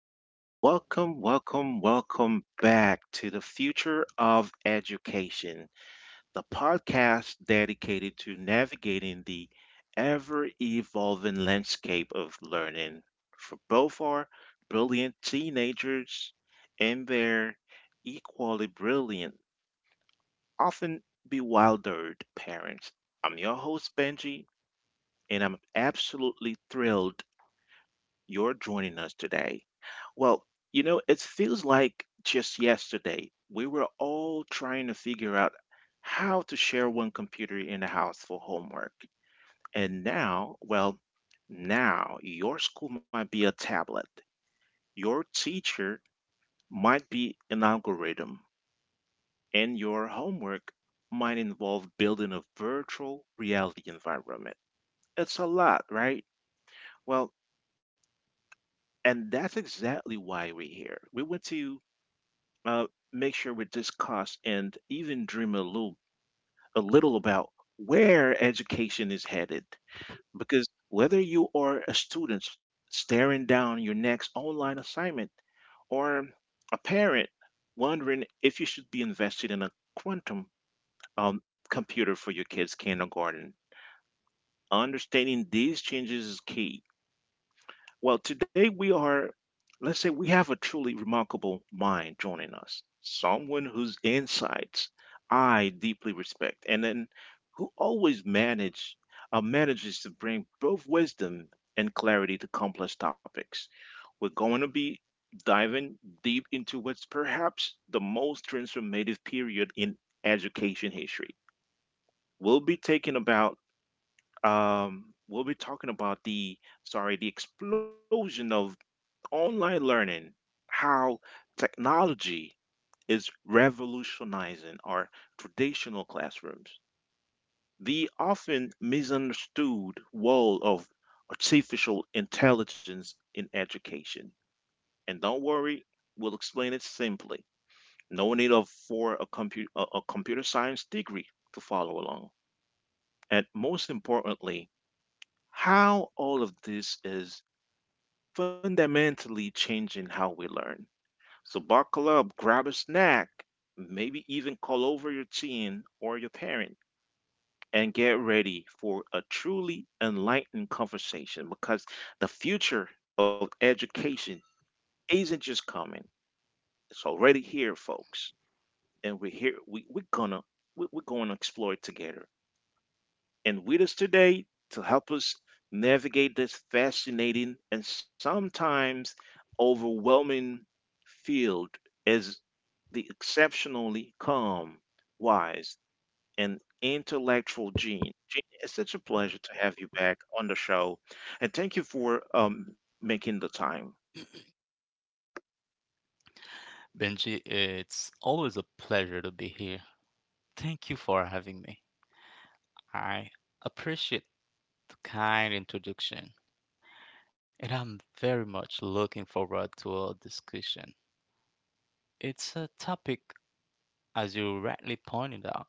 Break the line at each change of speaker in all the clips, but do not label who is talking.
Well, welcome back to the Future of Education, the podcast dedicated to navigating the ever evolving landscape of learning for both our brilliant teenagers and their equally brilliant, often bewildered parents. I'm your host, Benji, and I'm absolutely thrilled you're joining us today. Well, it feels like just yesterday we were all trying to figure out how to share one computer in the house for homework. And now, well, now your school might be a tablet, your teacher might be an algorithm, and your homework might involve building a virtual reality environment. It's a lot, right? Well, and that's exactly why we're here. We want to uh, make sure we're discussed and even dream a little about where education is headed. Because whether you are a student staring down your next online assignment or a parent wondering if you should be invested in a quantum um, computer for your kids' kindergarten, understanding these changes is key. Well, today we are, let's say, we have a truly remarkable mind joining us, someone whose insights I deeply respect, and then who always manages to bring both wisdom and clarity to complex topics. We're going to be diving deep into what's perhaps the most transformative period in education history. We'll be taking about, we'll be talking about the explosion of online learning, how technology is revolutionizing our traditional classrooms. The often misunderstood role of artificial intelligence in education. And don't worry, we'll explain it simply. No need of for a, compu- a computer science degree to follow along. And most importantly, how all of this is fundamentally changing how we learn. So buckle up, grab a snack, maybe even call over your teen or your parent, and get ready for a truly enlightened conversation because the future of education isn't just coming, it's already here, folks. And we're here, we, we're gonna we, we're going to explore it together. And with us today to help us navigate this fascinating and sometimes overwhelming field is the exceptionally calm, wise, and intellectual Gene. Gene, it's such a pleasure to have you back on the show, and thank you for making the time.
Benji, it's always a pleasure to be here. Thank you for having me. I appreciate the kind introduction, and I'm very much looking forward to our discussion. It's a topic, as you rightly pointed out,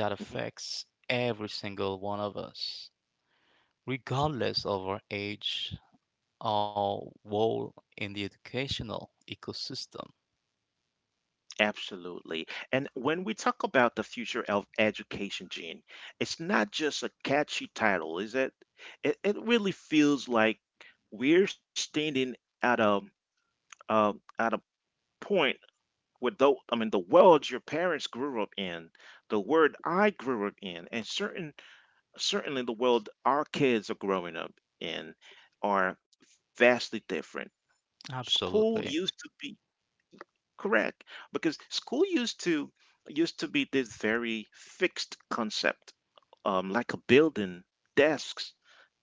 that
Mhm.
affects every single one of us, regardless of our age or role in the educational ecosystem.
Absolutely. And when we talk about the future of education, Gene, it's not just a catchy title, is it? It really feels like we're standing at a um at a point with I mean, the world your parents grew up in, the world I grew up in, and certainly the world our kids are growing up in are vastly different. School
Absolutely.
used to be. Correct, because school used to used to be this very fixed concept, like a building, desks,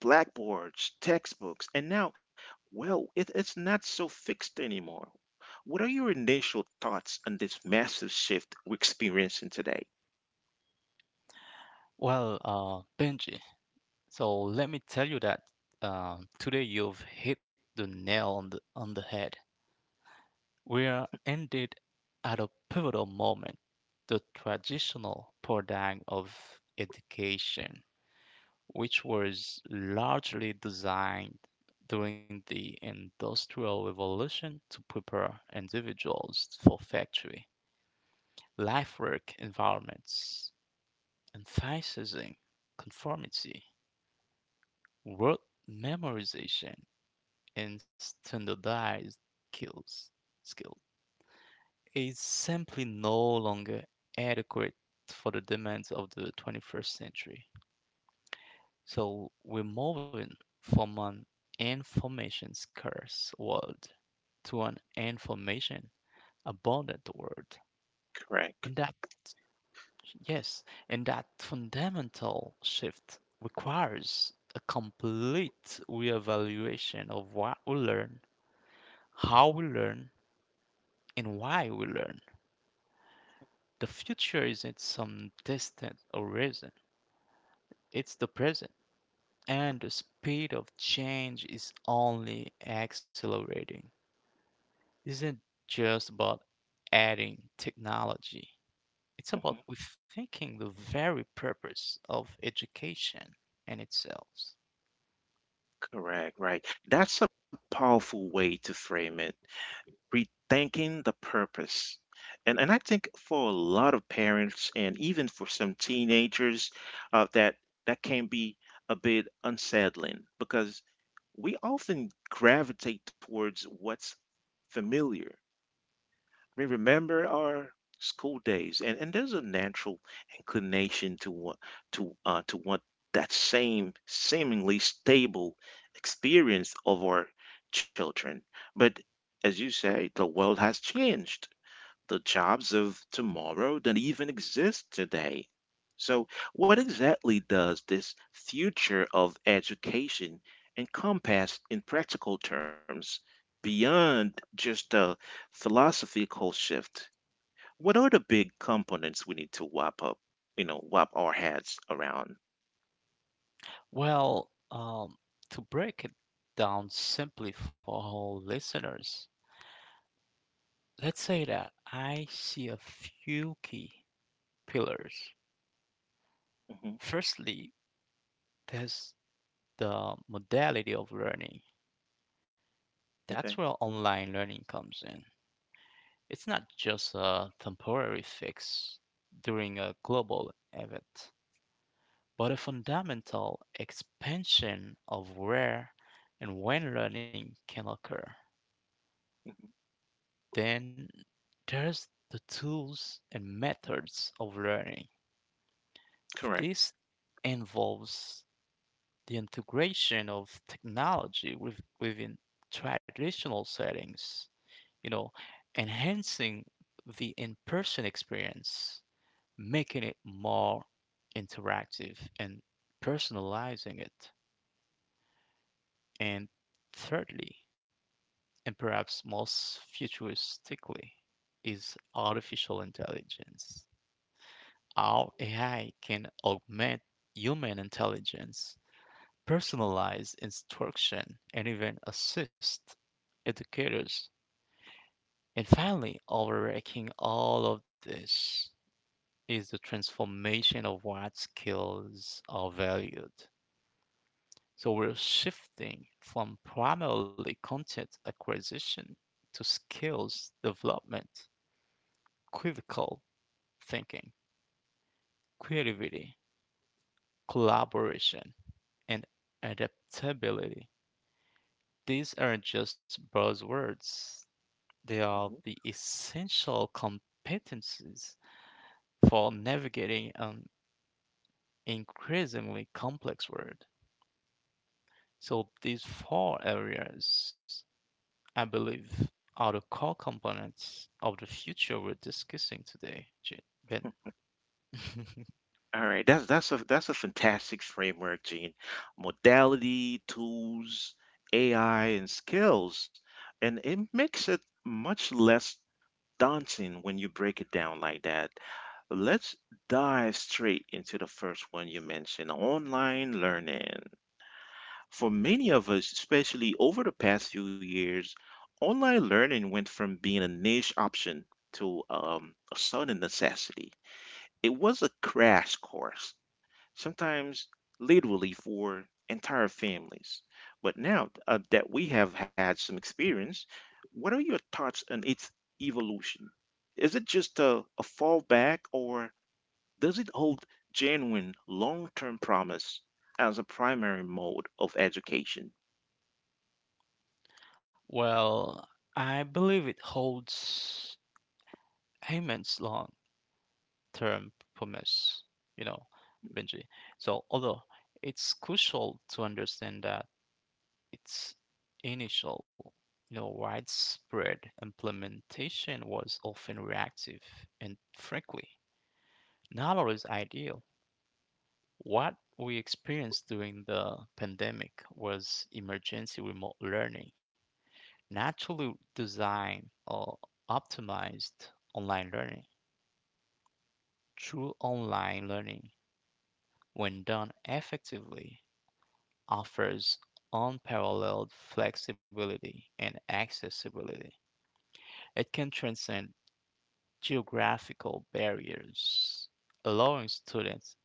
blackboards, textbooks, and now, well, it's not so fixed anymore. What are your initial thoughts on this massive shift we're experiencing today?
Well, Benji, so let me tell you that today you've hit the nail on the head. We are indeed at a pivotal moment. The traditional paradigm of education, which was largely designed during the Industrial Revolution to prepare individuals for factory, life work environments, emphasizing conformity, rote memorization, and standardized skills skill is simply no longer adequate for the demands of the 21st century. So we're moving from an information scarce world to an information abundant world.
Correct.
And that yes, and that fundamental shift requires a complete reevaluation of what we learn, how we learn, and why we learn. The future isn't some distant horizon, it's the present, and the speed of change is only accelerating. Isn't just about adding technology. It's
Mm-hmm.
about rethinking the very purpose of education in itself.
Correct, right. That's a powerful way to frame it. Rethinking the purpose. And I think for a lot of parents and even for some teenagers, uh, that that can be a bit unsettling because we often gravitate towards what's familiar. We remember our school days, and there's a natural inclination to want that same seemingly stable experience of our children. But as you say, the world has changed, the jobs of tomorrow that even exist today. So, what exactly does this future of education encompass in practical terms beyond just a philosophical shift? What are the big components we need to wrap up, you know, wrap our heads around?
Well, um, to break it down simply for all listeners, let's say that I see a few key pillars.
Hmm.
Firstly, there's the modality of learning. That's
Okay,
where online learning comes in. It's not just a temporary fix during a global event, but a fundamental expansion of where and when learning can occur. Then there's the tools and methods of learning.
correct.
This involves the integration of technology within traditional settings, you know, enhancing the in person experience, making it more interactive and personalizing it. And thirdly, and perhaps most futuristically, is artificial intelligence. How AI can augment human intelligence, personalize instruction, and even assist educators. And finally, overarching all of this is the transformation of what skills are valued. So we're shifting from primarily content acquisition to skills development, critical thinking, creativity, collaboration, and adaptability. These aren't just buzzwords, they are
Mm-hmm.
the essential competencies for navigating an increasingly complex world. So these four areas, I believe, are the core components of the future we're discussing today, Ben.
All right, that's a fantastic framework, Gene. Modality, tools, AI, and skills, and it makes it much less daunting when you break it down like that. Let's dive straight into the first one you mentioned, online learning. For many of us, especially over the past few years, online learning went from being a niche option to a sudden necessity. It was a crash course, sometimes literally, for entire families. But now that we have had some experience, what are your thoughts on its evolution? Is it just a fallback or does it hold genuine long term promise as a primary mode of education?
well, I believe it holds immense long-term promise, you know, Benji. So although it's crucial to understand that its initial, you know, widespread implementation was often reactive and frankly not always ideal. What we experienced during the pandemic was emergency remote learning, naturally designed or optimized online learning. True online learning, when done effectively, offers unparalleled flexibility and accessibility. It can transcend geographical barriers, allowing students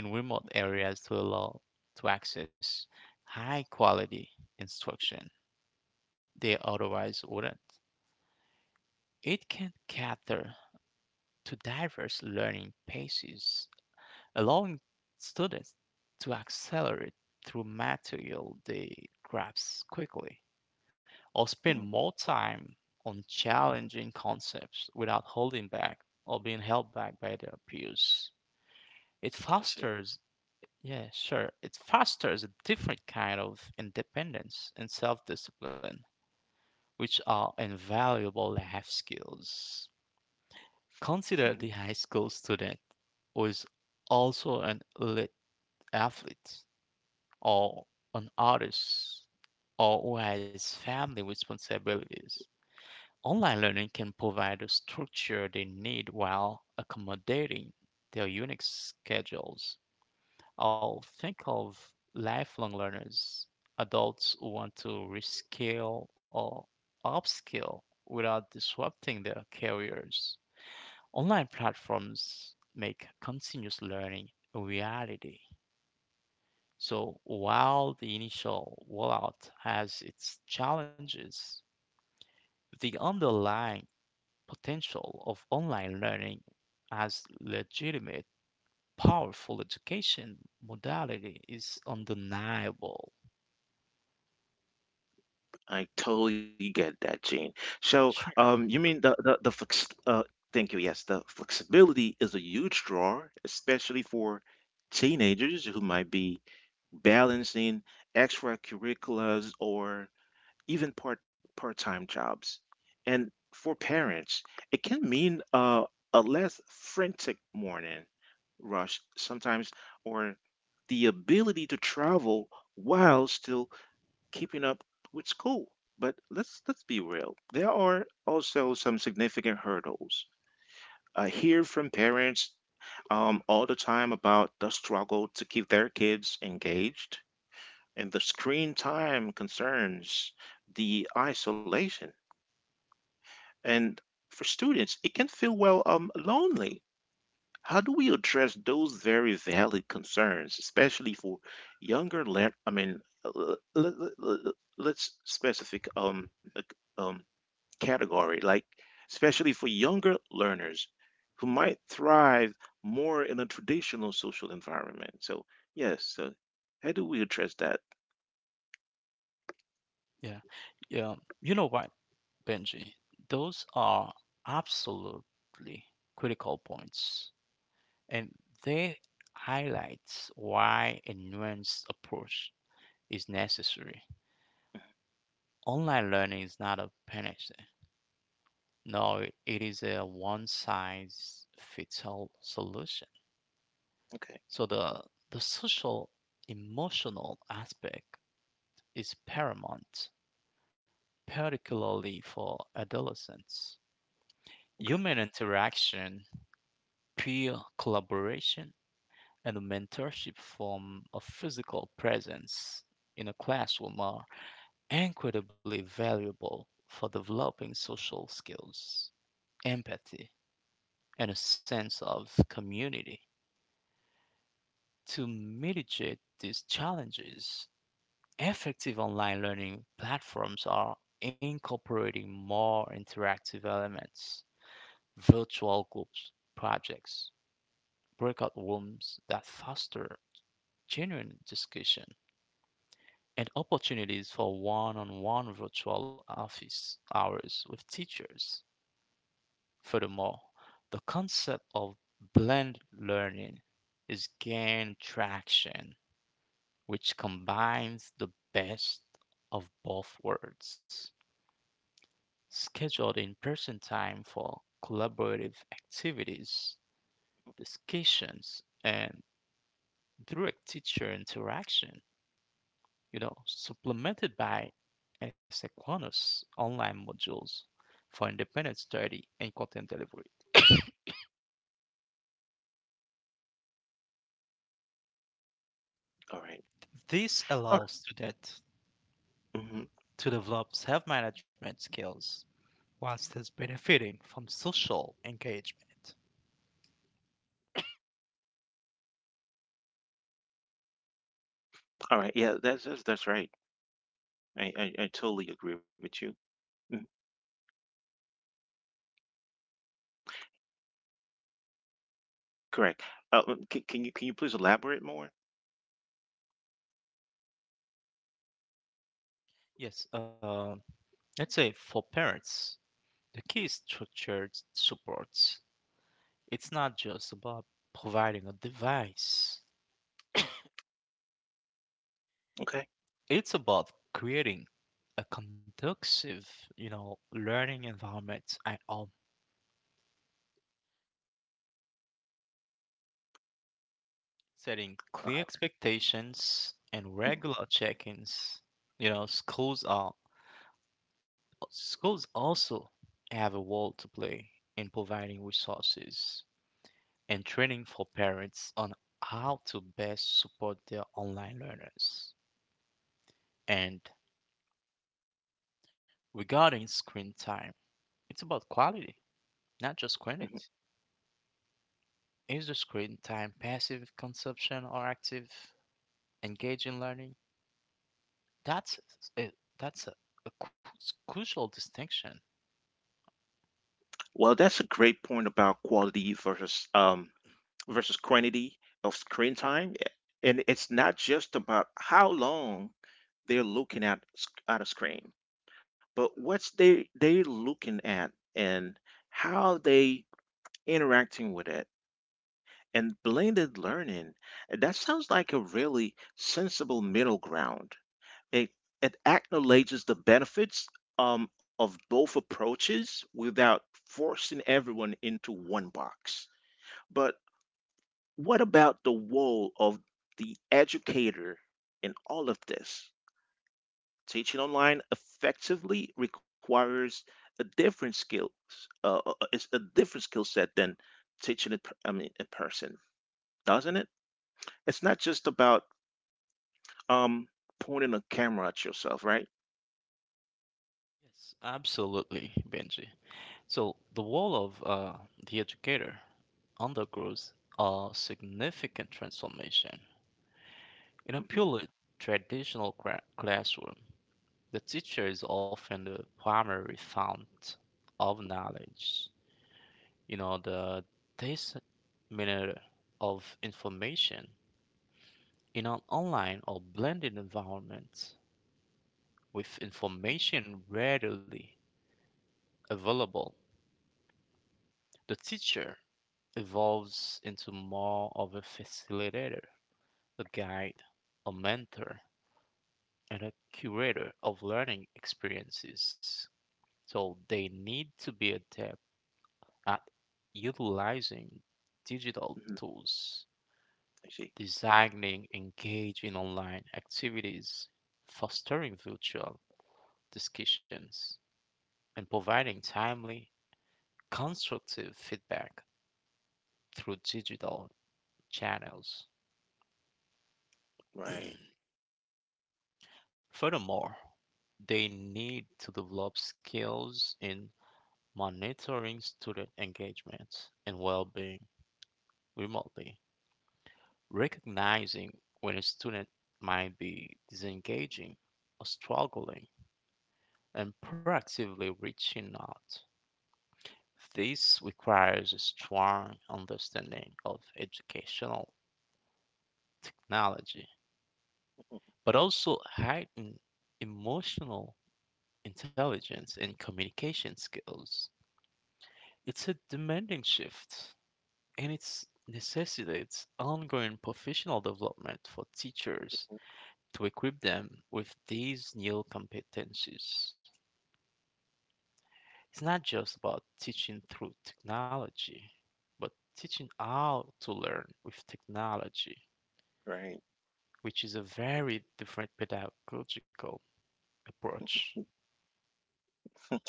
in remote areas to access high quality instruction. They otherwise wouldn't. It can cater to diverse learning paces, allowing students to accelerate through material they grasp quickly, or spend
Hmm.
more time on challenging concepts without holding back or being held back by their peers. It
I see.
fosters, yeah, sure, it fosters a different kind of independence and self discipline, which are invaluable life skills. Consider
Mhm.
the high school student who is also an elite athlete or an artist or who has family responsibilities. Online learning can provide the structure they need while accommodating their unique schedules. I'll think of lifelong learners, adults who want to rescale or upskill without disrupting their careers. Online platforms make continuous learning a reality. So while the initial rollout has its challenges, the underlying potential of online learning as legitimate, powerful education modality is undeniable.
I totally get that, Jane. So,
Sure.
you mean the thank you. Yes, the flexibility is a huge draw, especially for teenagers who might be balancing extracurriculars or even part-time jobs. And for parents, it can mean a less frantic morning rush sometimes, or the ability to travel while still keeping up with school. But let's be real. There are also some significant hurdles. I hear from parents all the time about the struggle to keep their kids engaged and the screen time concerns, the isolation. And for students, it can feel, well, lonely. How do we address those very valid concerns, especially for younger le- I mean, l- l- l- let's specific um, category, like especially for younger learners who might thrive more in a traditional social environment. So, yes, so how do we address that?
Yeah. Yeah. You know what, Benji? Those are absolutely critical points, and they highlights why a nuanced approach is necessary. Online learning is not a panacea. No, it is a one-size-fits-all solution.
Okay,
So the social emotional aspect is paramount, particularly for adolescents.
okay,
Human interaction, peer collaboration, and mentorship form a physical presence in a classroom or incredibly valuable for developing social skills, empathy, and a sense of community. To mitigate these challenges, effective online learning platforms are incorporating more interactive elements, virtual groups, projects, breakout rooms that foster genuine discussion, and opportunities for one on one virtual office hours with teachers. Furthermore, the concept of blended learning is gained traction, which combines the best of both worlds. Scheduled in person time for collaborative activities, discussions, and direct teacher interaction, you know, supplemented by asynchronous online modules for independent study and content delivery.
all right.
This allows students
Mhm.
to develop self management skills while still benefiting from social engagement.
All right. Yeah, that's right. I totally agree with you. Mhm. Correct. Can you please elaborate more?
Yes, uh, let's say for parents, the key is structured supports. It's not just about providing a device,
Okay.
it's about creating a conducive, you know, learning environment at home, setting
Uh,
clear expectations and regular check ins. You know, schools are Schools also have a role to play in providing resources and training for parents on how to best support their online learners. And regarding screen time, it's about quality, not just
mhm.
quantity. Is the screen time passive consumption or active, engaging learning? That's a, that's a cru- crucial distinction.
Well, that's a great point about quality versus versus quantity of screen time, and it's not just about how long they're looking at at a screen, but what's they looking at and how they interacting with it. And blended learning, that sounds like a really sensible middle ground. it, it acknowledges the benefits of both approaches without forcing everyone into one box. But what about the role of the educator in all of this? Teaching online effectively requires a different skill set than teaching I mean, in person, doesn't it? It's not just about um, pointing a camera at yourself, right?
Yes, absolutely, Benji. So the role of the educator undergoes a significant transformation. In a
Mhm.
purely traditional classroom, the teacher is often the primary fount of knowledge, you know, the disseminator of information. In an online or blended environment, with information readily available, the teacher evolves into more of a facilitator, a guide, a mentor, and a curator of learning experiences. So they need to be adept at utilizing digital
Mhm.
tools,
I see.
designing engaging online activities, fostering virtual discussions, and providing timely, constructive feedback through digital channels.
Right.
Furthermore, they need to develop skills in monitoring student engagement and well being remotely, recognizing when a student might be disengaging or struggling, and proactively reaching out. This requires a strong understanding of educational technology,
Mhm.
but also heightened emotional intelligence and communication skills. It's a demanding shift, and it necessitates ongoing professional development for teachers to equip them with these new competencies. It's not just about teaching through technology, but teaching how to learn with technology,
Right.
which is a very different pedagogical approach.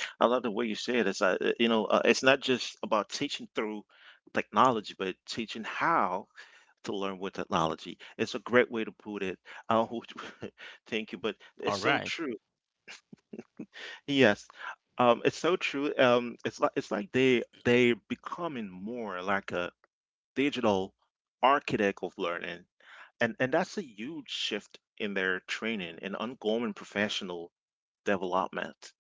I love the way you said it. It's it's not just about teaching through technology, but teaching how to learn with technology. It's a great way to put it. Uh, thank you, but
All
it's so
right,
true. Yes, it's so true. It's like they they're becoming more like a digital architect of learning, and that's a huge shift in their training and ongoing professional development.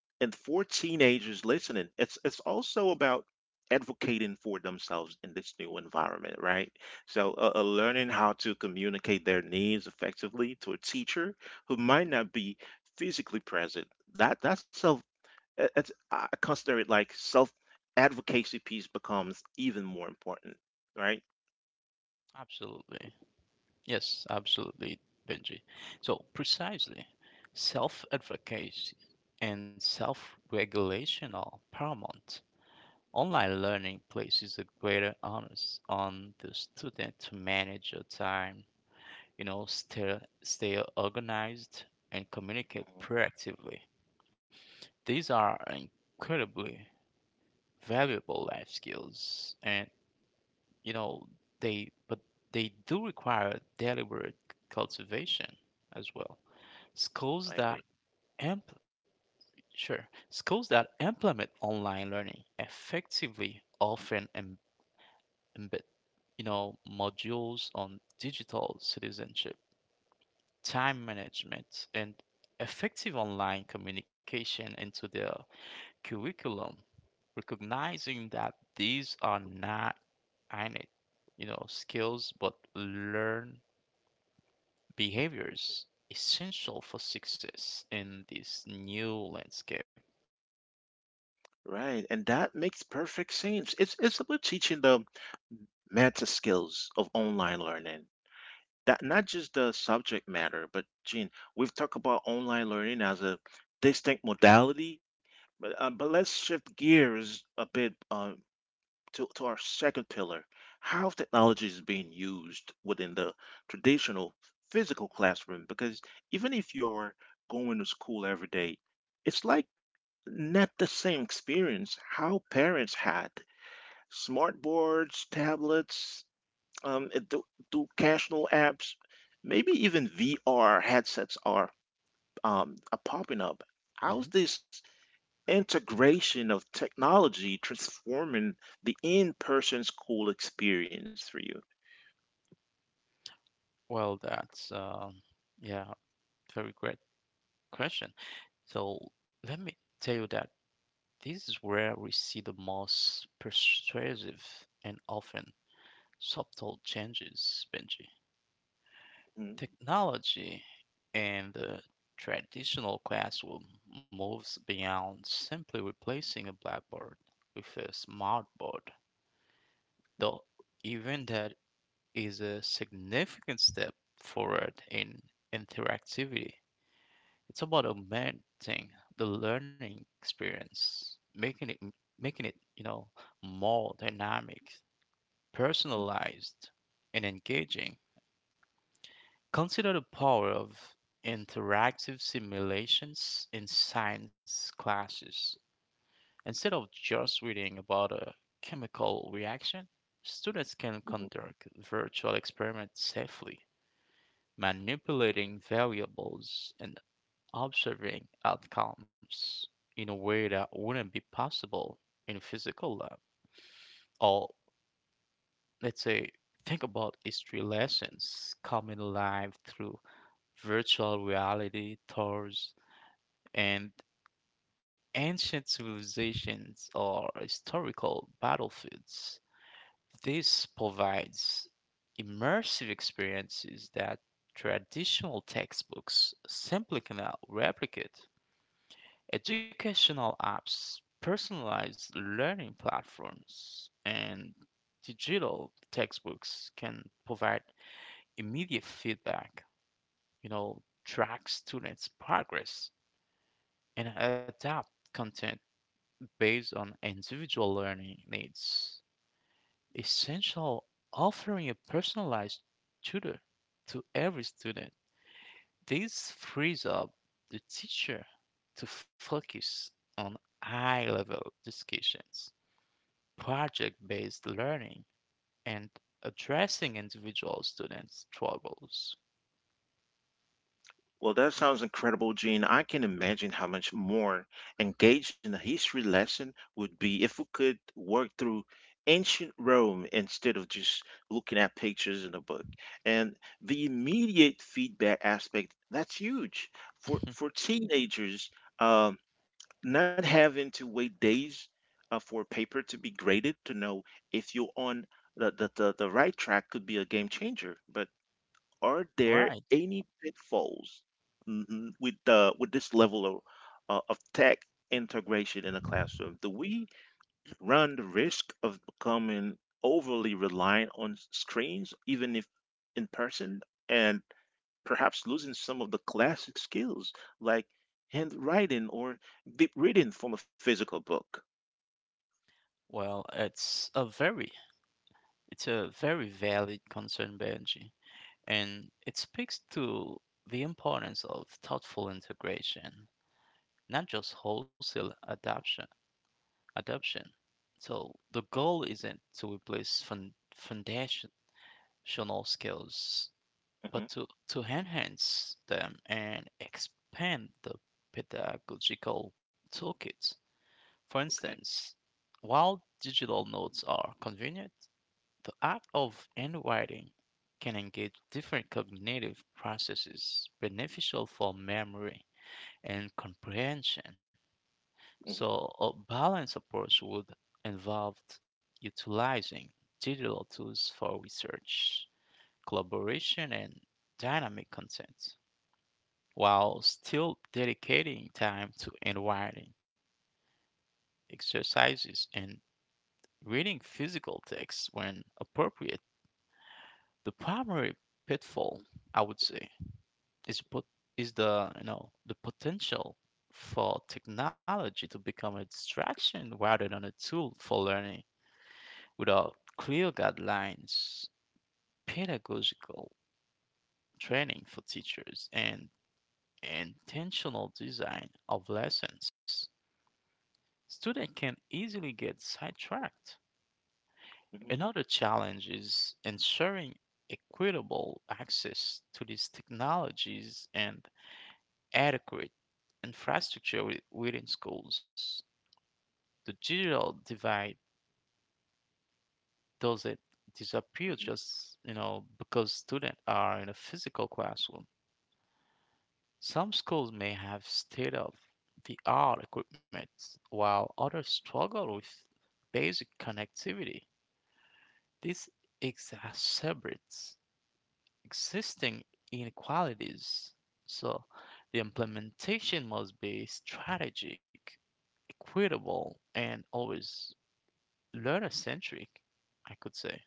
And for teenagers listening, it's also about advocating for themselves in this new environment, right? So, learning how to communicate their needs effectively to a teacher who might not be physically present. That that self, it- it's, I consider it like self advocacy piece becomes even more important, right?
absolutely. Yes, absolutely, Benji. So, precisely, self advocacy and self regulation are paramount. Online learning places a greater onus on the student to manage your time, you know, stay organized and communicate
Mhm.
proactively. These are incredibly valuable life skills and you know they but they do require deliberate cultivation as well.
I
Schools
agree.
that impl- sure, schools that implement online learning effectively often embed, you know, modules on digital citizenship, time management, and effective online communication into their curriculum, recognizing that these are not innate, you know, skills but learned behaviors essential for success in this new landscape.
Right, and that makes perfect sense. It's about teaching them meta skills of online learning, that not just the subject matter. But Gene, we've talked about online learning as a distinct modality, but let's shift gears a bit to our second pillar, how technology is being used within the traditional physical classroom. Because even if you're going to school every day, it's like not the same experience how parents had. Smart boards, tablets, it do do casual apps, maybe even VR headsets are popping up. How's
hmm
this integration of technology transforming the in-person school experience for you?
Well, that's um, yeah, Very great question. So let me tell you that this is where we see the most persuasive and often subtle changes, Benji.
Mhm,
Technology in the traditional classroom moves beyond simply replacing a blackboard with a smartboard, though even that is a significant step forward in interactivity. It's about augmenting the learning experience, making it more dynamic, personalized, and engaging. Consider the power of interactive simulations in science classes. Instead of just reading about a chemical reaction, students can
mhm.
conduct virtual experiments safely, manipulating variables and observing outcomes in a way that wouldn't be possible in a physical lab. Or let's say, think about history lessons coming alive through virtual reality tours and ancient civilizations or historical battlefields. This provides immersive experiences that traditional textbooks simply cannot replicate. Educational apps, personalized learning platforms, and digital textbooks can provide immediate feedback, you know, track students' progress, and adapt content based on individual learning needs. Essential offering a personalized tutor to every student. This frees up the teacher to focus on high level discussions, project based learning, and addressing individual students' struggles.
Well, that sounds incredible, Gene. I can imagine how much more engaging a history lesson would be if we could work through ancient Rome instead of just looking at pictures in a book. And the immediate feedback aspect, that's huge. For teenagers, um, not having to wait days for a paper to be graded to know if you're on the right track could be a game changer. But are there
Right.
any pitfalls, mhm, with the with this level of tech integration in the classroom? Do we run the risk of becoming overly reliant on screens, even if in person, and perhaps losing some of the classic skills like handwriting or deep reading from a physical book?
Well, it's a very it's a very valid concern, Benji, and it speaks to the importance of thoughtful integration, not just wholesale adoption. Adoption. So the goal isn't to replace foundational skills
Hmm.
but to enhance them and expand the pedagogical toolkit. For
Okay.
instance, while digital notes are convenient, the act of handwriting can engage different cognitive processes beneficial for memory and comprehension.
Hmm.
So, a balanced approach would involve utilizing digital tools for research, collaboration, and dynamic content, while still dedicating time to enwiring, exercises, and reading physical texts when appropriate. The primary pitfall, I would say, is pot- is the you know the potential for technology to become a distraction rather than a tool for learning without clear guidelines, pedagogical training for teachers, and intentional design of lessons. Students can easily get sidetracked.
Hmm.
Another challenge is ensuring equitable access to these technologies and adequate infrastructure within schools. The digital divide doesn't disappear
Hmm.
just you know because students are in a physical classroom. Some schools may have state of the art equipment while others struggle with basic connectivity. This exacerbates existing inequalities. So the implementation must be strategic, equitable, and always learner centric, I could say.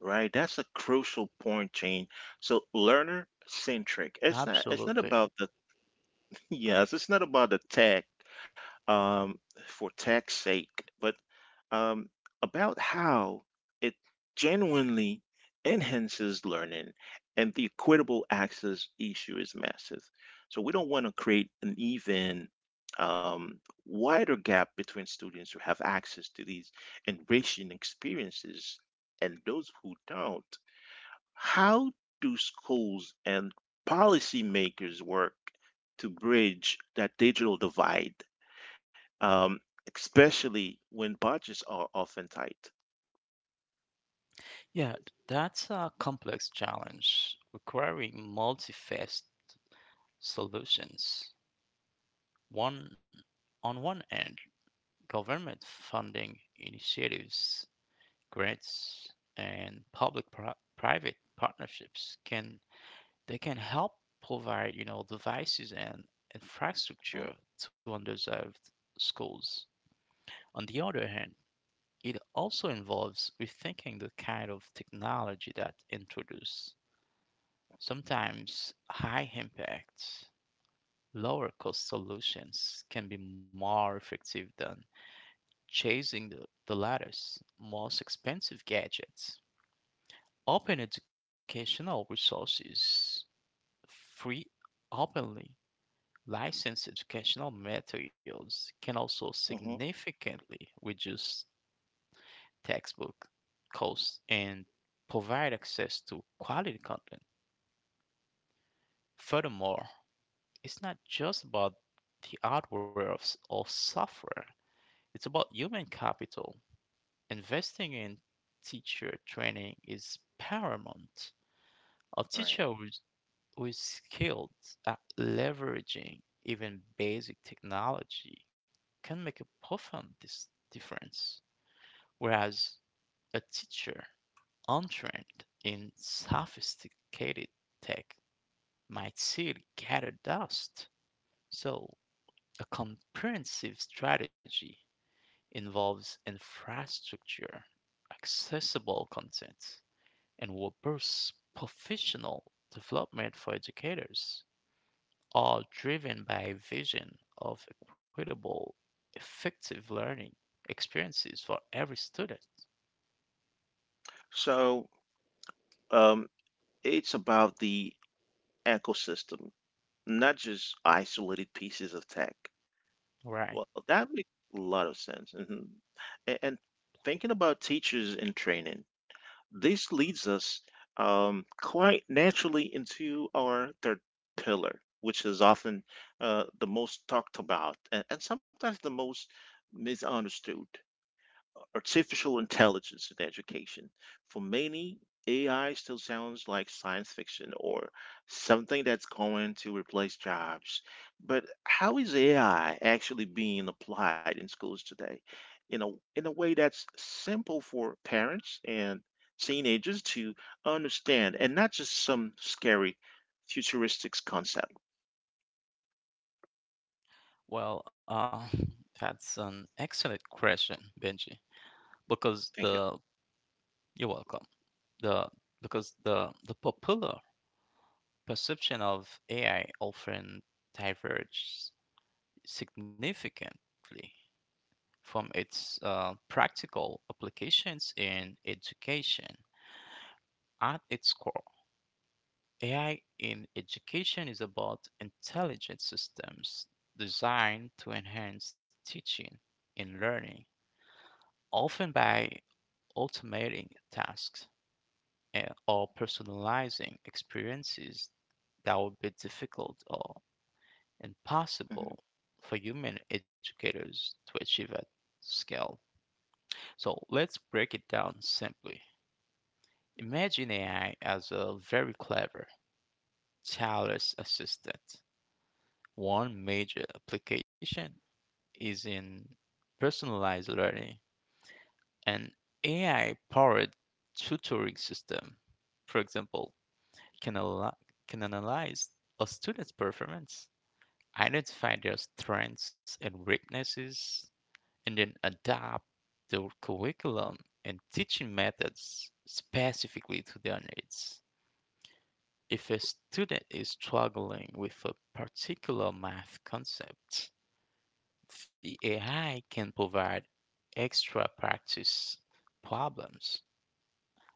Right, that's a crucial point, Jane. So, learner centric. It's not
Absolutely.
about the. Yes, it's not about the tech, um, for tech's sake, but um, about how it genuinely enhances learning. And the equitable access issue is massive. So we don't want to create an even um, wider gap between students who have access to these enriching experiences and those who don't. How do schools and policymakers work to bridge that digital divide, um, especially when budgets are often tight?
Yeah, that's a complex challenge requiring multi-phased solutions. One On one end, government funding initiatives, grants, and public private partnerships can help provide devices and
Mm-hmm.
infrastructure to underserved schools. On the other hand, it also involves rethinking the kind of technology that introduce, sometimes high impact lower cost solutions can be more effective than chasing the latest most expensive gadgets. Open educational resources, free openly licensed educational materials, can also
Mm-hmm.
significantly reduce textbook costs and provide access to quality content. Furthermore, it's not just about the hardware or software, it's about human capital. Investing in teacher training is paramount. A
Right.
teacher who were skilled at leveraging even basic technology can make a profound difference, whereas a teacher untrained in sophisticated tech might still gather dust. So, a comprehensive strategy involves infrastructure, accessible content, and robust professional development for educators, all driven by a vision of equitable, effective learning experiences for every student.
So um, it's about the ecosystem, not just isolated pieces of tech.
Right.
Well, that makes a lot of sense. Hmm. And thinking about teachers and training. This leads us quite naturally into our third pillar, which is often the most talked about and sometimes the most misunderstood artificial intelligence in education. For many, AI still sounds like science fiction or something that's going to replace jobs. But how is AI actually being applied in schools today? In a, in a way that's simple for parents and teenagers to understand and not just some scary futuristic concept.
Well, that's an excellent question, Benji, because
Thank you.
the You're welcome. The because the popular perception of AI often diverges significantly from its practical applications in education at its core. AI in education is about intelligent systems designed to enhance teaching and learning, often by automating tasks, or personalizing experiences that would be difficult or
Mhm.
impossible for human educators to achieve at scale. So let's break it down simply. Imagine AI as a very clever, tireless assistant. One major application is in personalized learning. An AI powered tutoring system, for example, can, al- can analyze a student's performance, identify their strengths and weaknesses, and then adapt the curriculum and teaching methods specifically to their needs. If a student is struggling with a particular math concept, the AI can provide extra practice problems,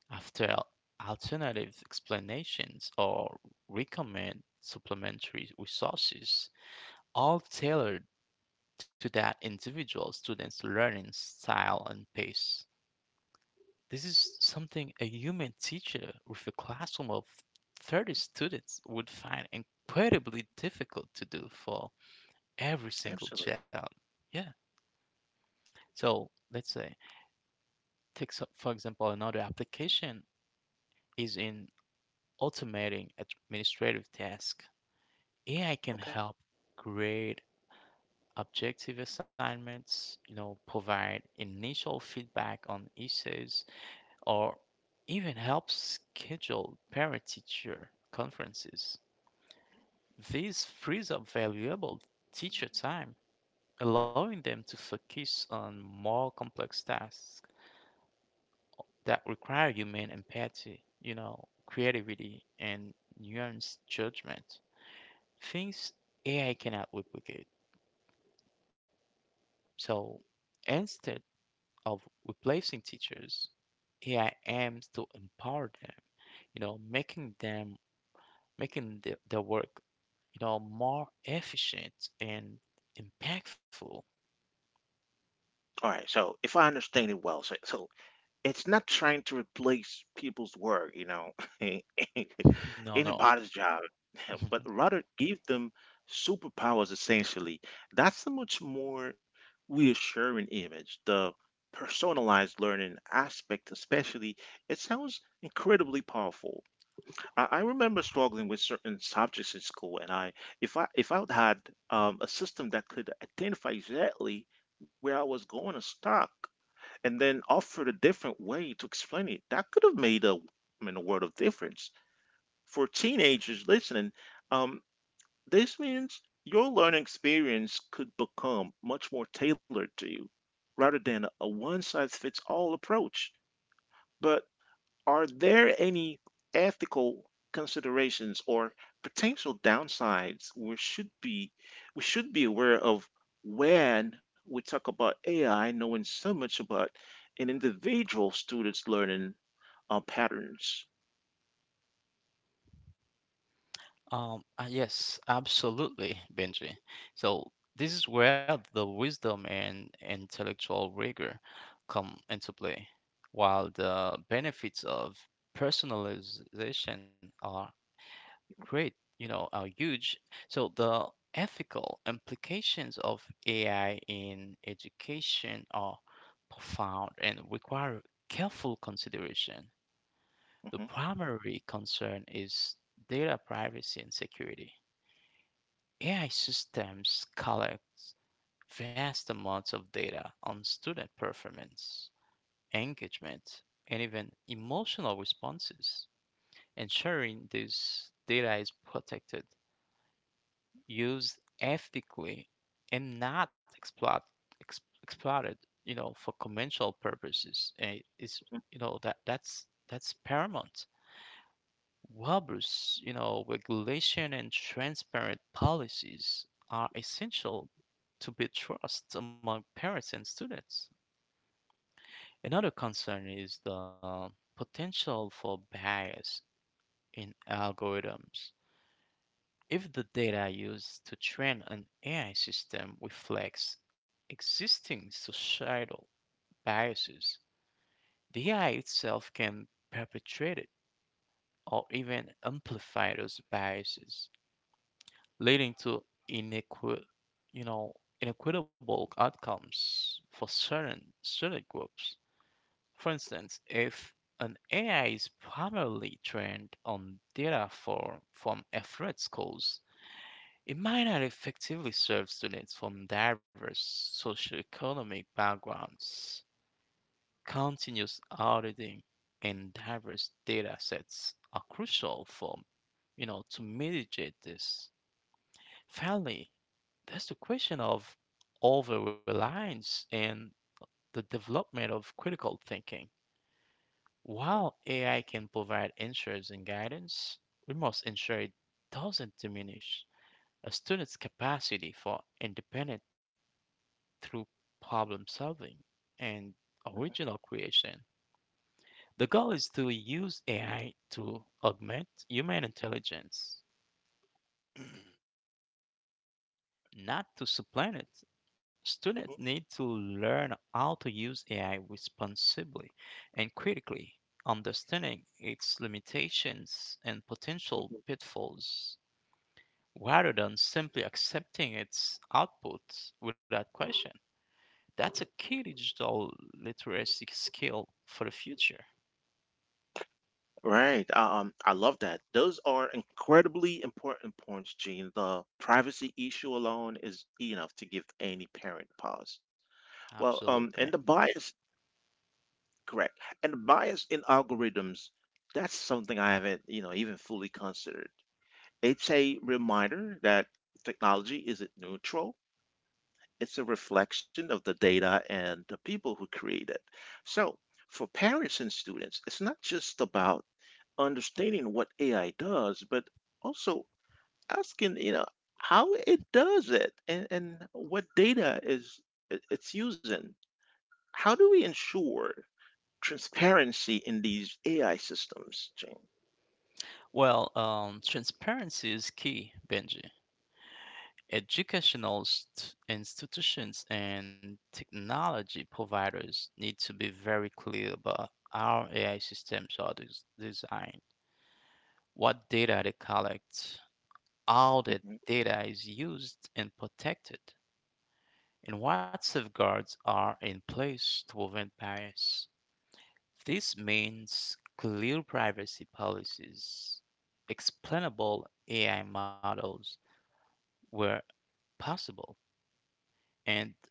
after alternative explanations, or recommend supplementary resources, all tailored to that individual student's learning style and pace. This is something a human teacher with a classroom of 30 students would find incredibly difficult to do for every single
Absolutely.
child. Yeah. So let's say Take so- for example, another application is in automating administrative tasks. AI can
Okay.
help grade objective assignments, provide initial feedback on essays, or even help schedule parent-teacher conferences. This frees up valuable teacher time, allowing them to focus on more complex tasks that require human empathy, creativity, and nuanced judgment. Things AI cannot replicate. So instead of replacing teachers, AI aims to empower them, you know, making them making their work, more efficient and impactful.
All right. So if I understand it well, so it's not trying to replace people's work, you know,
No, no.
anybody's job, but rather give them superpowers essentially. That's a much more reassuring image. The personalized learning aspect, especially, it sounds incredibly powerful. I remember struggling with certain subjects in school, and if I had a system that could identify exactly where I was going to stop and then offered a different way to explain it. That could have made a a world of difference for teenagers listening. Um, this means your learning experience could become much more tailored to you rather than a one size fits all approach. But are there any ethical considerations or potential downsides we should be aware of when we talk about AI knowing so much about an individual student's learning patterns?
Yes, absolutely, Benji. So this is where the wisdom and intellectual rigor come into play. While the benefits of personalization are great, are huge, so the ethical implications of AI in education are profound and require careful consideration. The
Mhm,
primary concern is data privacy and security. AI systems collect vast amounts of data on student performance, engagement, and even emotional responses. Ensuring this data is protected, used ethically, and not exploited, for commercial purposes, is,
mhm,
you know, that that's that's paramount. Robust regulation and transparent policies are essential to build trust among parents and students. Another concern is the potential for bias in algorithms. If the data used to train an AI system reflects existing societal biases, the AI itself can perpetuate it or even amplify those biases, leading to inequi- you know, inequitable outcomes for certain student groups. For instance, if an AI is primarily trained on data for, from affluent schools, it might not effectively serve students from diverse socioeconomic backgrounds. Continuous auditing and diverse data sets are crucial to mitigate this. Finally, there's the question of over reliance and the development of critical thinking. While AI can provide answers and guidance, we must ensure it doesn't diminish a student's capacity for independent through problem solving and original creation. The goal is to use AI to augment human intelligence, not to supplant it.
mhm,
Students need to learn how to use AI responsibly and critically, understanding its limitations and potential
mhm.
pitfalls, rather than simply accepting its output without question. That's a key digital literacy skill for the future.
Right. I love that. Those are incredibly important points, Gene. The privacy issue alone is enough to give any parent pause. Well,
Absolutely.
and the bias correct. And bias in algorithms, that's something I haven't, you know, even fully considered. It's a reminder that technology isn't neutral. It's a reflection of the data and the people who create it. So, for parents and students, it's not just about understanding what AI does, but also asking, you know, how it does it and what data is it's using. How do we ensure transparency in these AI systems, Jane?
Well, transparency is key, Benji. Educational institutions and technology providers need to be very clear about how AI systems are designed, what data they collect, how that
Hmm.
data is used and protected, and what safeguards are in place to prevent bias. This means clear privacy policies, explainable AI models where possible, and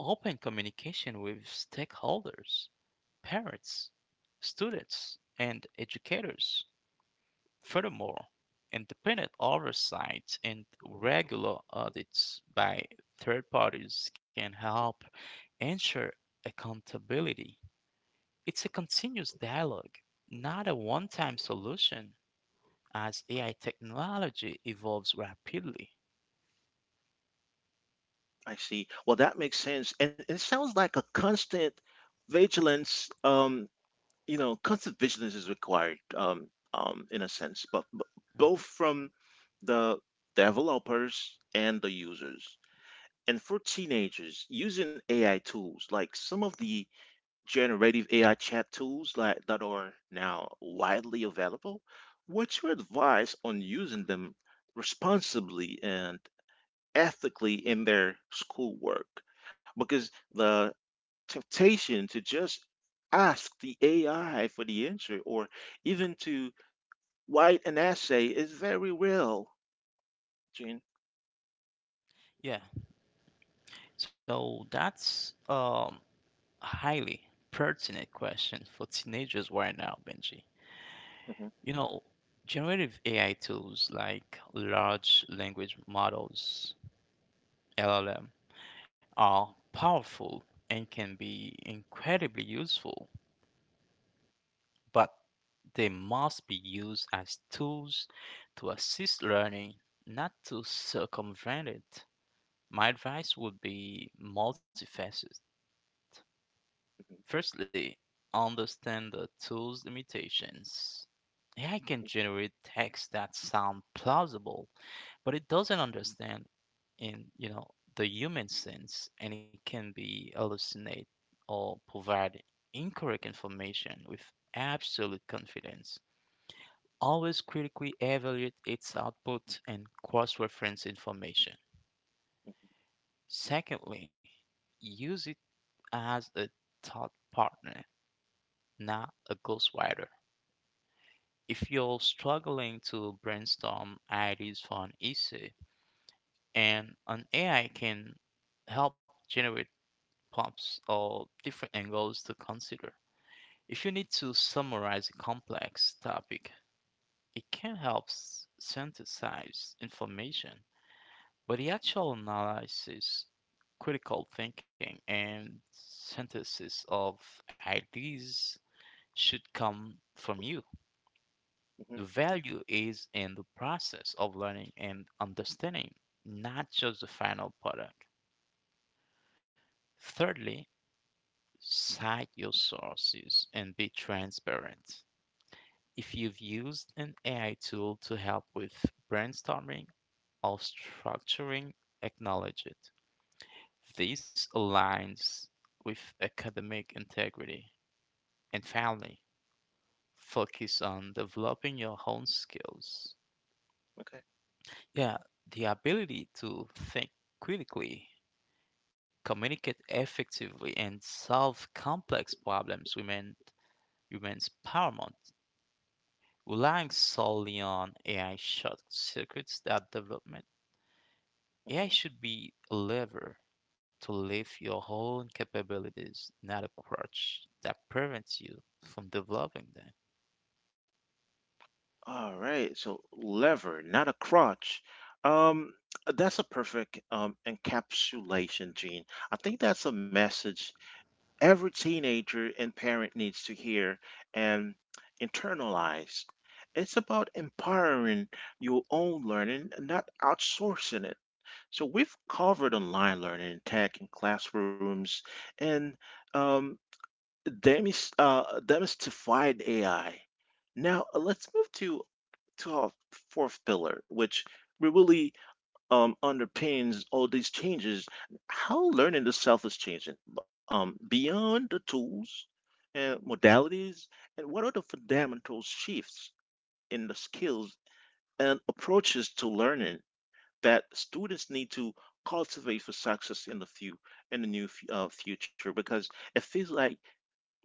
open communication with stakeholders, parents, students, and educators. Furthermore, independent oversight and regular audits by third parties can help ensure accountability. It's a continuous dialogue, not a one time solution, as AI technology evolves rapidly.
I see. Well, that makes sense, and it sounds like a constant vigilance. You know, constant vigilance is required. In a sense, but both
Mhm.
from the developers and the users. And for teenagers, using AI tools, like some of the generative AI chat tools like that are now widely available. What's your advice on using them responsibly and ethically in their schoolwork? Because the temptation to just ask the AI for the answer or even to write an essay is very real, Gene.
Yeah, so that's a highly pertinent question for teenagers right now, Benji.
Mhm.
You know, generative AI tools like large language models, LLM, are powerful and can be incredibly useful, but they must be used as tools to assist learning, not to circumvent it. My advice would be multifaceted. Firstly, understand the tool's limitations. AI can generate text that sound plausible, but it doesn't understand, in the human sense, and it can be hallucinate or provide incorrect information with absolute confidence. Always critically evaluate its output and cross-reference information. Secondly, use it as a thought partner, not a ghostwriter. If you're struggling to brainstorm ideas for an essay, and an AI can help generate prompts or different angles to consider. If you need to summarize a complex topic, it can help synthesize information, but the actual analysis, critical thinking, and synthesis of ideas should come from you.
Mhm.
The value is in the process of learning and understanding, not just the final product. Thirdly, cite your sources and be transparent. If you've used an AI tool to help with brainstorming or structuring, acknowledge it. This aligns with academic integrity. And finally, focus on developing your own skills.
Okay.
Yeah, the ability to think critically, communicate effectively, and solve complex problems remains paramount. Relying solely on AI short circuits that development. AI
Mhm.
should be a lever to lift your own capabilities, not a crutch that prevents you from developing them.
All right, so lever, not a crotch. Um, that's a perfect encapsulation, Gene. I think that's a message every teenager and parent needs to hear and internalize. It's about empowering your own learning, not outsourcing it. So we've covered online learning, tech, and classrooms, and um, demis demystified AI. Now, let's move to our fourth pillar, which really underpins all these changes, how learning itself is changing beyond the tools and modalities, and what are the fundamental shifts in the skills and approaches to learning that students need to cultivate for success in the few in the new future, because it feels like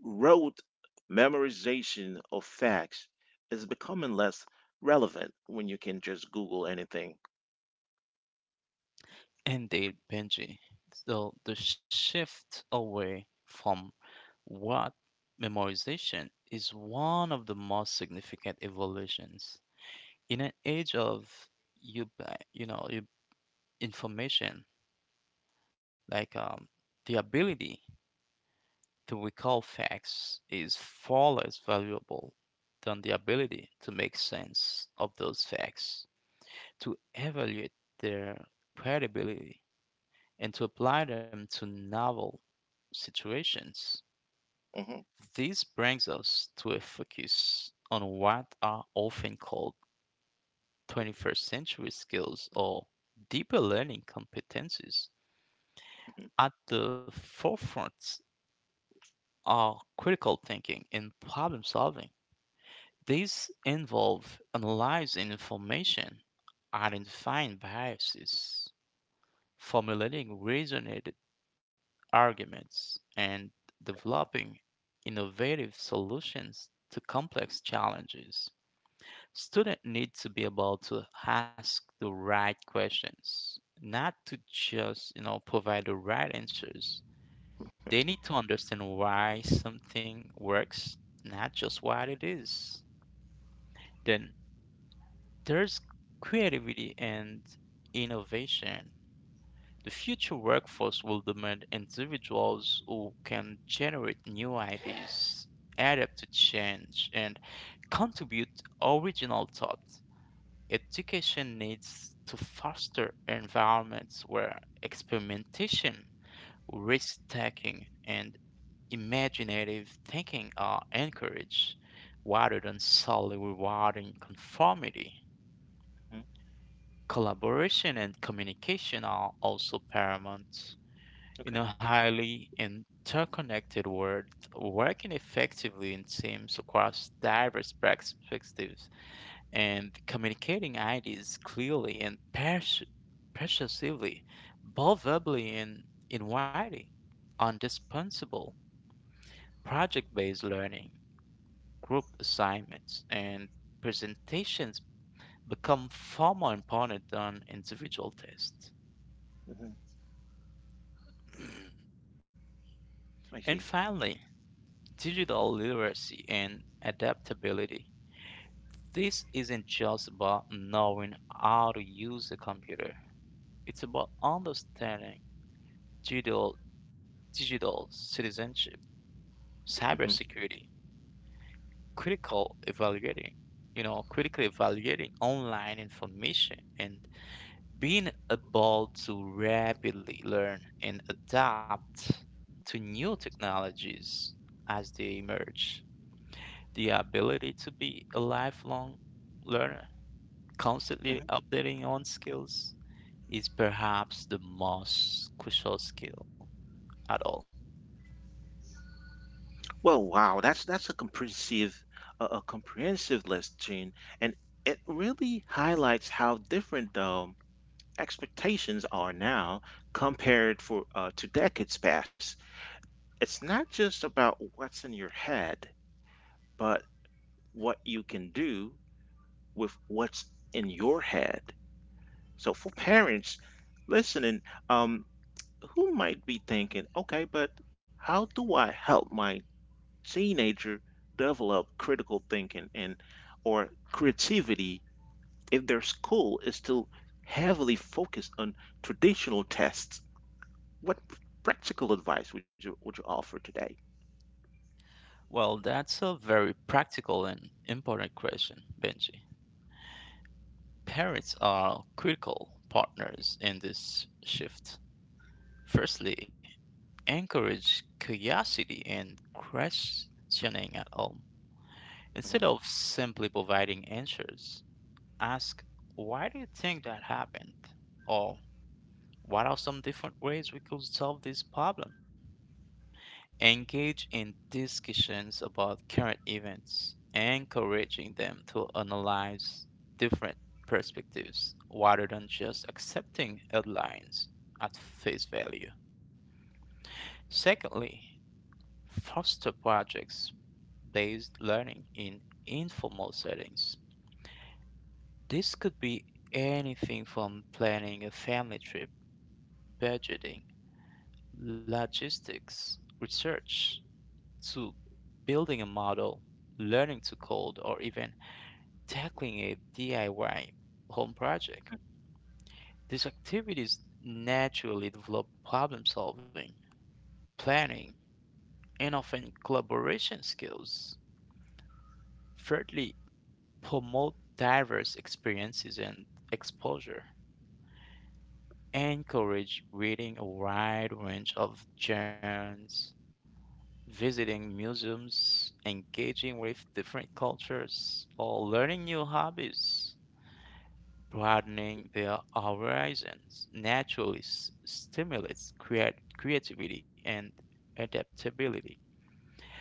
rote memorization of facts is becoming less relevant when you can just Google anything.
Right. Indeed, Benji. So the shift away from What memorization is one of the most significant evolutions in an age of you you know you- information, like the ability to recall facts is far less valuable than the ability to make sense of those facts, to evaluate their credibility, and to apply them to novel situations.
Hmm.
This brings us to a focus on what are often called 21st century skills or deeper learning competencies.
Hmm.
At the forefront are critical thinking and problem solving. These involve analyzing information, identifying biases, formulating reasoned arguments, and developing innovative solutions to complex challenges. Student need to be able to ask the right questions, not to just provide the right answers. They need to understand why something works, not just what it is. Then there's creativity and innovation. The future workforce will demand individuals who can generate new ideas, adapt to change, and contribute original thought. Education needs to foster environments where experimentation, risk taking, and imaginative thinking are encouraged rather than solely rewarding conformity.
Hmm.
Collaboration and communication are also paramount.
Okay.
In a highly interconnected world, working effectively in teams across diverse perspectives and communicating ideas clearly and persuasively, both verbally and in writing, on dispensable project based learning, group assignments, and presentations become far more important than individual tests.
Hmm. I
And
see.
finally, digital literacy and adaptability. This isn't just about knowing how to use a computer, it's about understanding digital digital citizenship,
Hmm.
cybersecurity, critical evaluating, critically evaluating online information and being able to rapidly learn and adapt to new technologies as they emerge. The ability to be a lifelong learner, constantly
Hmm.
updating on skills, is perhaps the most crucial skill at all.
Well, wow, that's a comprehensive a comprehensive list, Gene, and it really highlights how different expectations are now compared for to decades past. It's not just about what's in your head, but what you can do with what's in your head. So for parents listening, um, who might be thinking, okay, but how do I help my teenager develop critical thinking and or creativity if their school is still heavily focused on traditional tests? What practical advice would you offer today?
Well, that's a very practical and important question, Benji. Parents are critical partners in this shift. Firstly, encourage curiosity and questioning at home.
Mhm.
Instead of simply providing answers, ask, why do you think that happened? Or what are some different ways we could solve this problem? Engage in discussions about current events, encouraging them to analyze different perspectives rather than just accepting headlines at face value. Secondly, foster projects based learning in informal settings. This could be anything from planning a family trip, budgeting, logistics, research, to building a model, learning to code, or even tackling a DIY home project. These activities naturally develop problem solving, planning, and often collaboration skills. Thirdly, promote diverse experiences and exposure. Encourage reading a wide range of genres, visiting museums, engaging with different cultures, or learning new hobbies. Broadening their horizons naturally stimulates creativity and adaptability.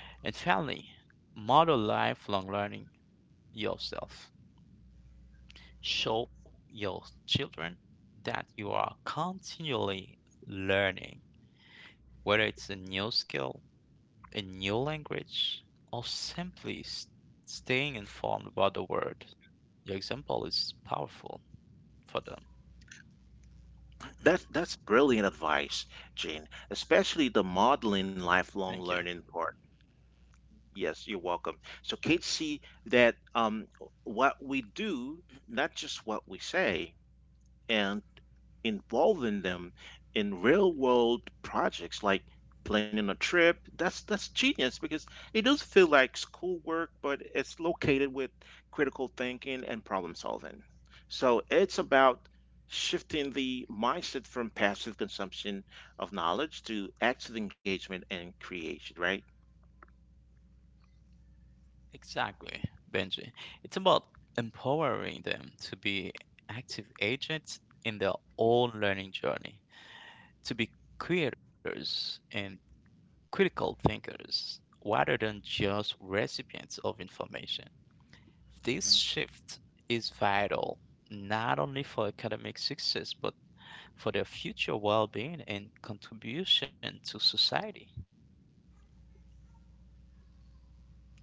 And finally, model lifelong learning yourself. Show your children that you are continually learning, whether it's a new skill, a new language, or simply staying informed about the world. Your example is powerful for them.
That's brilliant advice, Gene, especially the modeling lifelong
Thank you.
learning part. Yes, you're welcome. So kids see that what we do, not just what we say, and involving them in real world projects like planning a trip. That's genius because it does feel like schoolwork, but it's located with critical thinking and problem solving. So it's about shifting the mindset from passive consumption of knowledge to active engagement and creation, right?
Exactly, Benji. It's about empowering them to be active agents in their own learning journey, to be creators and critical thinkers rather than just recipients of information. This shift is vital not only for academic success but for their future well-being and contribution to society.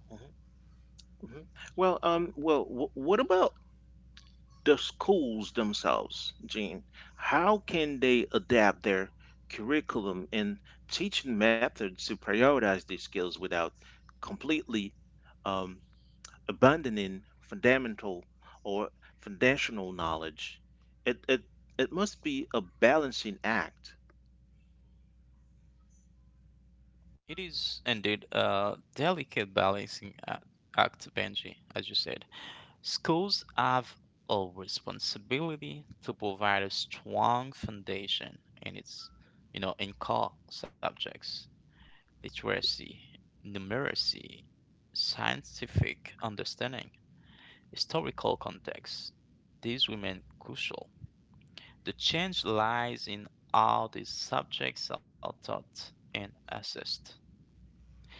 Mhm. Mhm. Well, well, what about the schools themselves, Gene? How can they adapt their curriculum and teaching methods to prioritize these skills without completely um, abandoning fundamental or foundational knowledge? It it it must be a balancing act.
It is indeed a delicate balancing act, Benji, as you said. Schools have a responsibility to provide a strong foundation in its, you know, in core subjects: literacy, numeracy, scientific understanding, historical context. These remain crucial. The change lies in how these subjects are taught and assessed.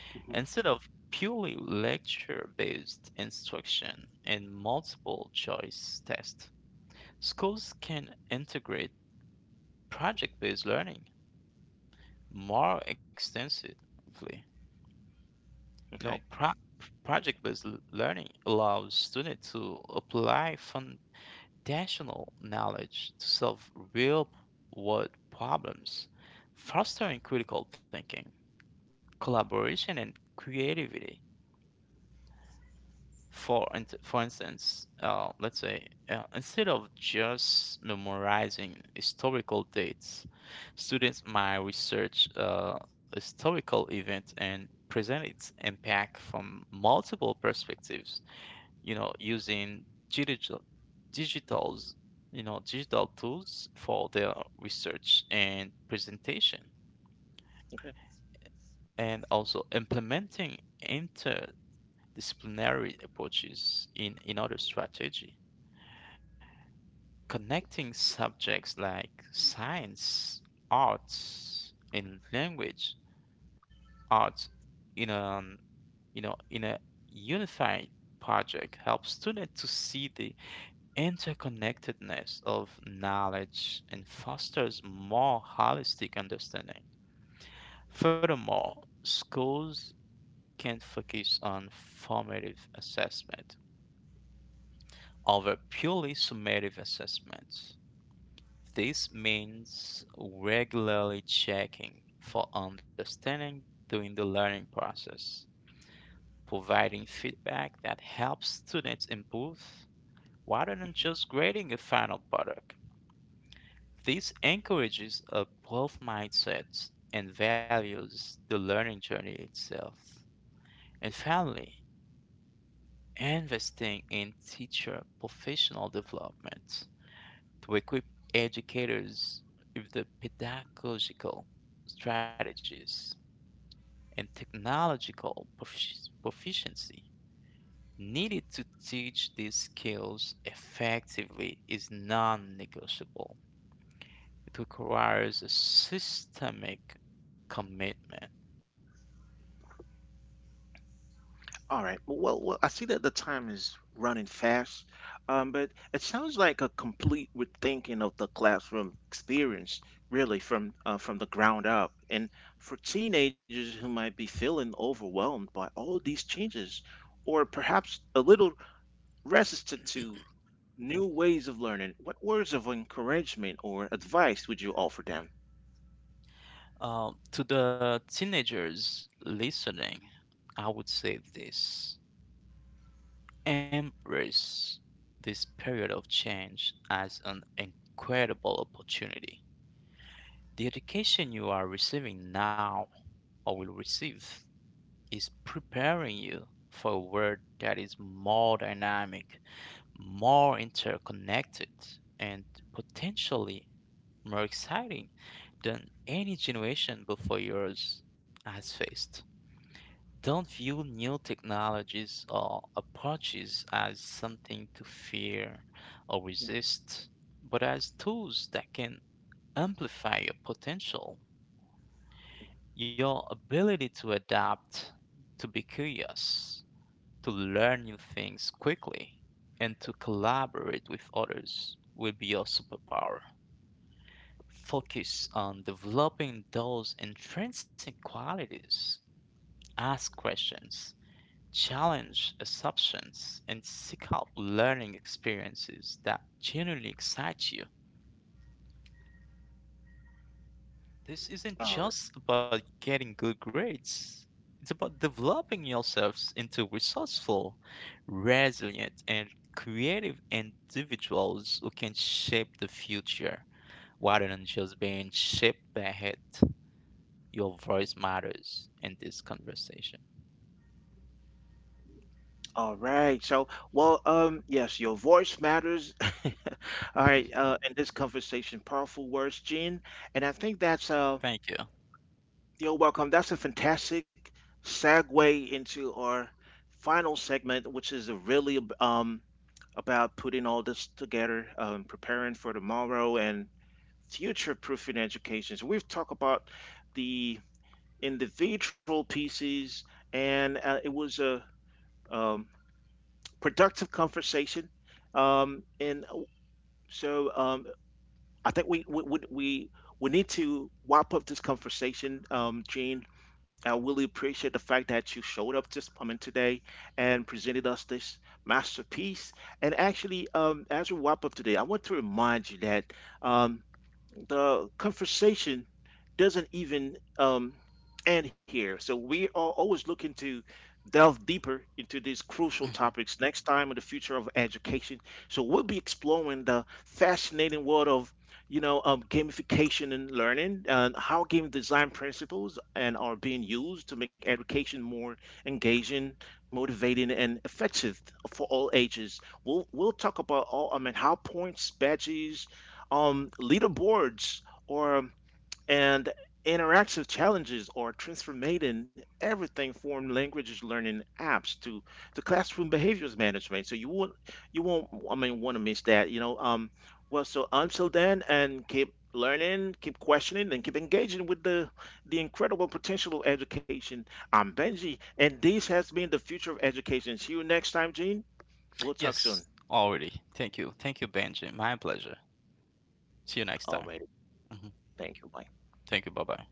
Hmm.
Instead of purely lecture based instruction and multiple choice tests, schools can integrate project-based learning more extensively. You know,
Okay.
pro- project-based learning allows students to apply foundational knowledge to solve real-world problems, fostering critical thinking, collaboration, and creativity. For instance, let's say, instead of just memorizing historical dates, students might research historical event and present its impact from multiple perspectives, using digital digitals, you know, digital tools for their research and presentation, and also implementing interdisciplinary approaches in other strategy. Connecting subjects like science, arts, and language arts in a you know in a unified project helps students to see the interconnectedness of knowledge and fosters more holistic understanding. Furthermore, schools can focus on formative assessment over purely summative assessment. This means regularly checking for understanding during the learning process, providing feedback that helps students improve rather than just grading a final product. This encourages a growth mindset and values the learning journey itself. And finally, investing in teacher professional development to equip educators with the pedagogical strategies and technological proficiency needed to teach these skills effectively is non negotiable. It requires a systemic commitment.
All right. Well, I see that the time is running fast, but it sounds like a complete rethinking of the classroom experience, really, from the ground up. And for teenagers who might be feeling overwhelmed by all these changes, or perhaps a little resistant to new ways of learning, what words of encouragement or advice would you offer them?
To the teenagers listening, I would say this: embrace this period of change as an incredible opportunity. The education you are receiving now, or will receive, is preparing you for a world that is more dynamic, more interconnected, and potentially more exciting than any generation before yours has faced. Don't view new technologies or approaches as something to fear or resist, but as tools that can amplify your potential. Your ability to adapt, to be curious, to learn new things quickly, and to collaborate with others will be your superpower. Focus on developing those intrinsic qualities. Ask questions, challenge assumptions, and seek out learning experiences that genuinely excite you. This isn't
All right.
just about getting good grades. It's about developing yourselves into resourceful, resilient, and creative individuals who can shape the future rather than just being shaped by it. Your voice matters in this conversation.
All right. So, well, yes, your voice matters. All right. In this conversation, powerful words, Gene, and I think that's
Thank you.
you're welcome. That's a fantastic segue into our final segment, which is really about putting all this together, preparing for tomorrow, and future-proofing education. So we've talked about the individual pieces, and it was a um, productive conversation. And so I think we need to wrap up this conversation, Gene. I really appreciate the fact that you showed up today and presented us this masterpiece. And actually, as we wrap up today, I want to remind you that um, the conversation doesn't even end here. So we are always looking to delve deeper into these crucial
Mhm.
topics next time on the future of education. So we'll be exploring the fascinating world of gamification and learning, and how game design principles and are being used to make education more engaging, motivating, and effective for all ages. We'll talk about all I mean how points, badges, leaderboards, or and interactive challenges are transforming everything from language learning apps to classroom behaviors management. So you won't want to miss that. Well, so until then, and keep learning, keep questioning, and keep engaging with the incredible potential of education. I'm Benji, and this has been the future of education. See you next time, Gene. We'll talk soon.
Yes, already. Thank you. Thank you, Benji. My pleasure. See you next time. Mhm. Thank you. Bye bye.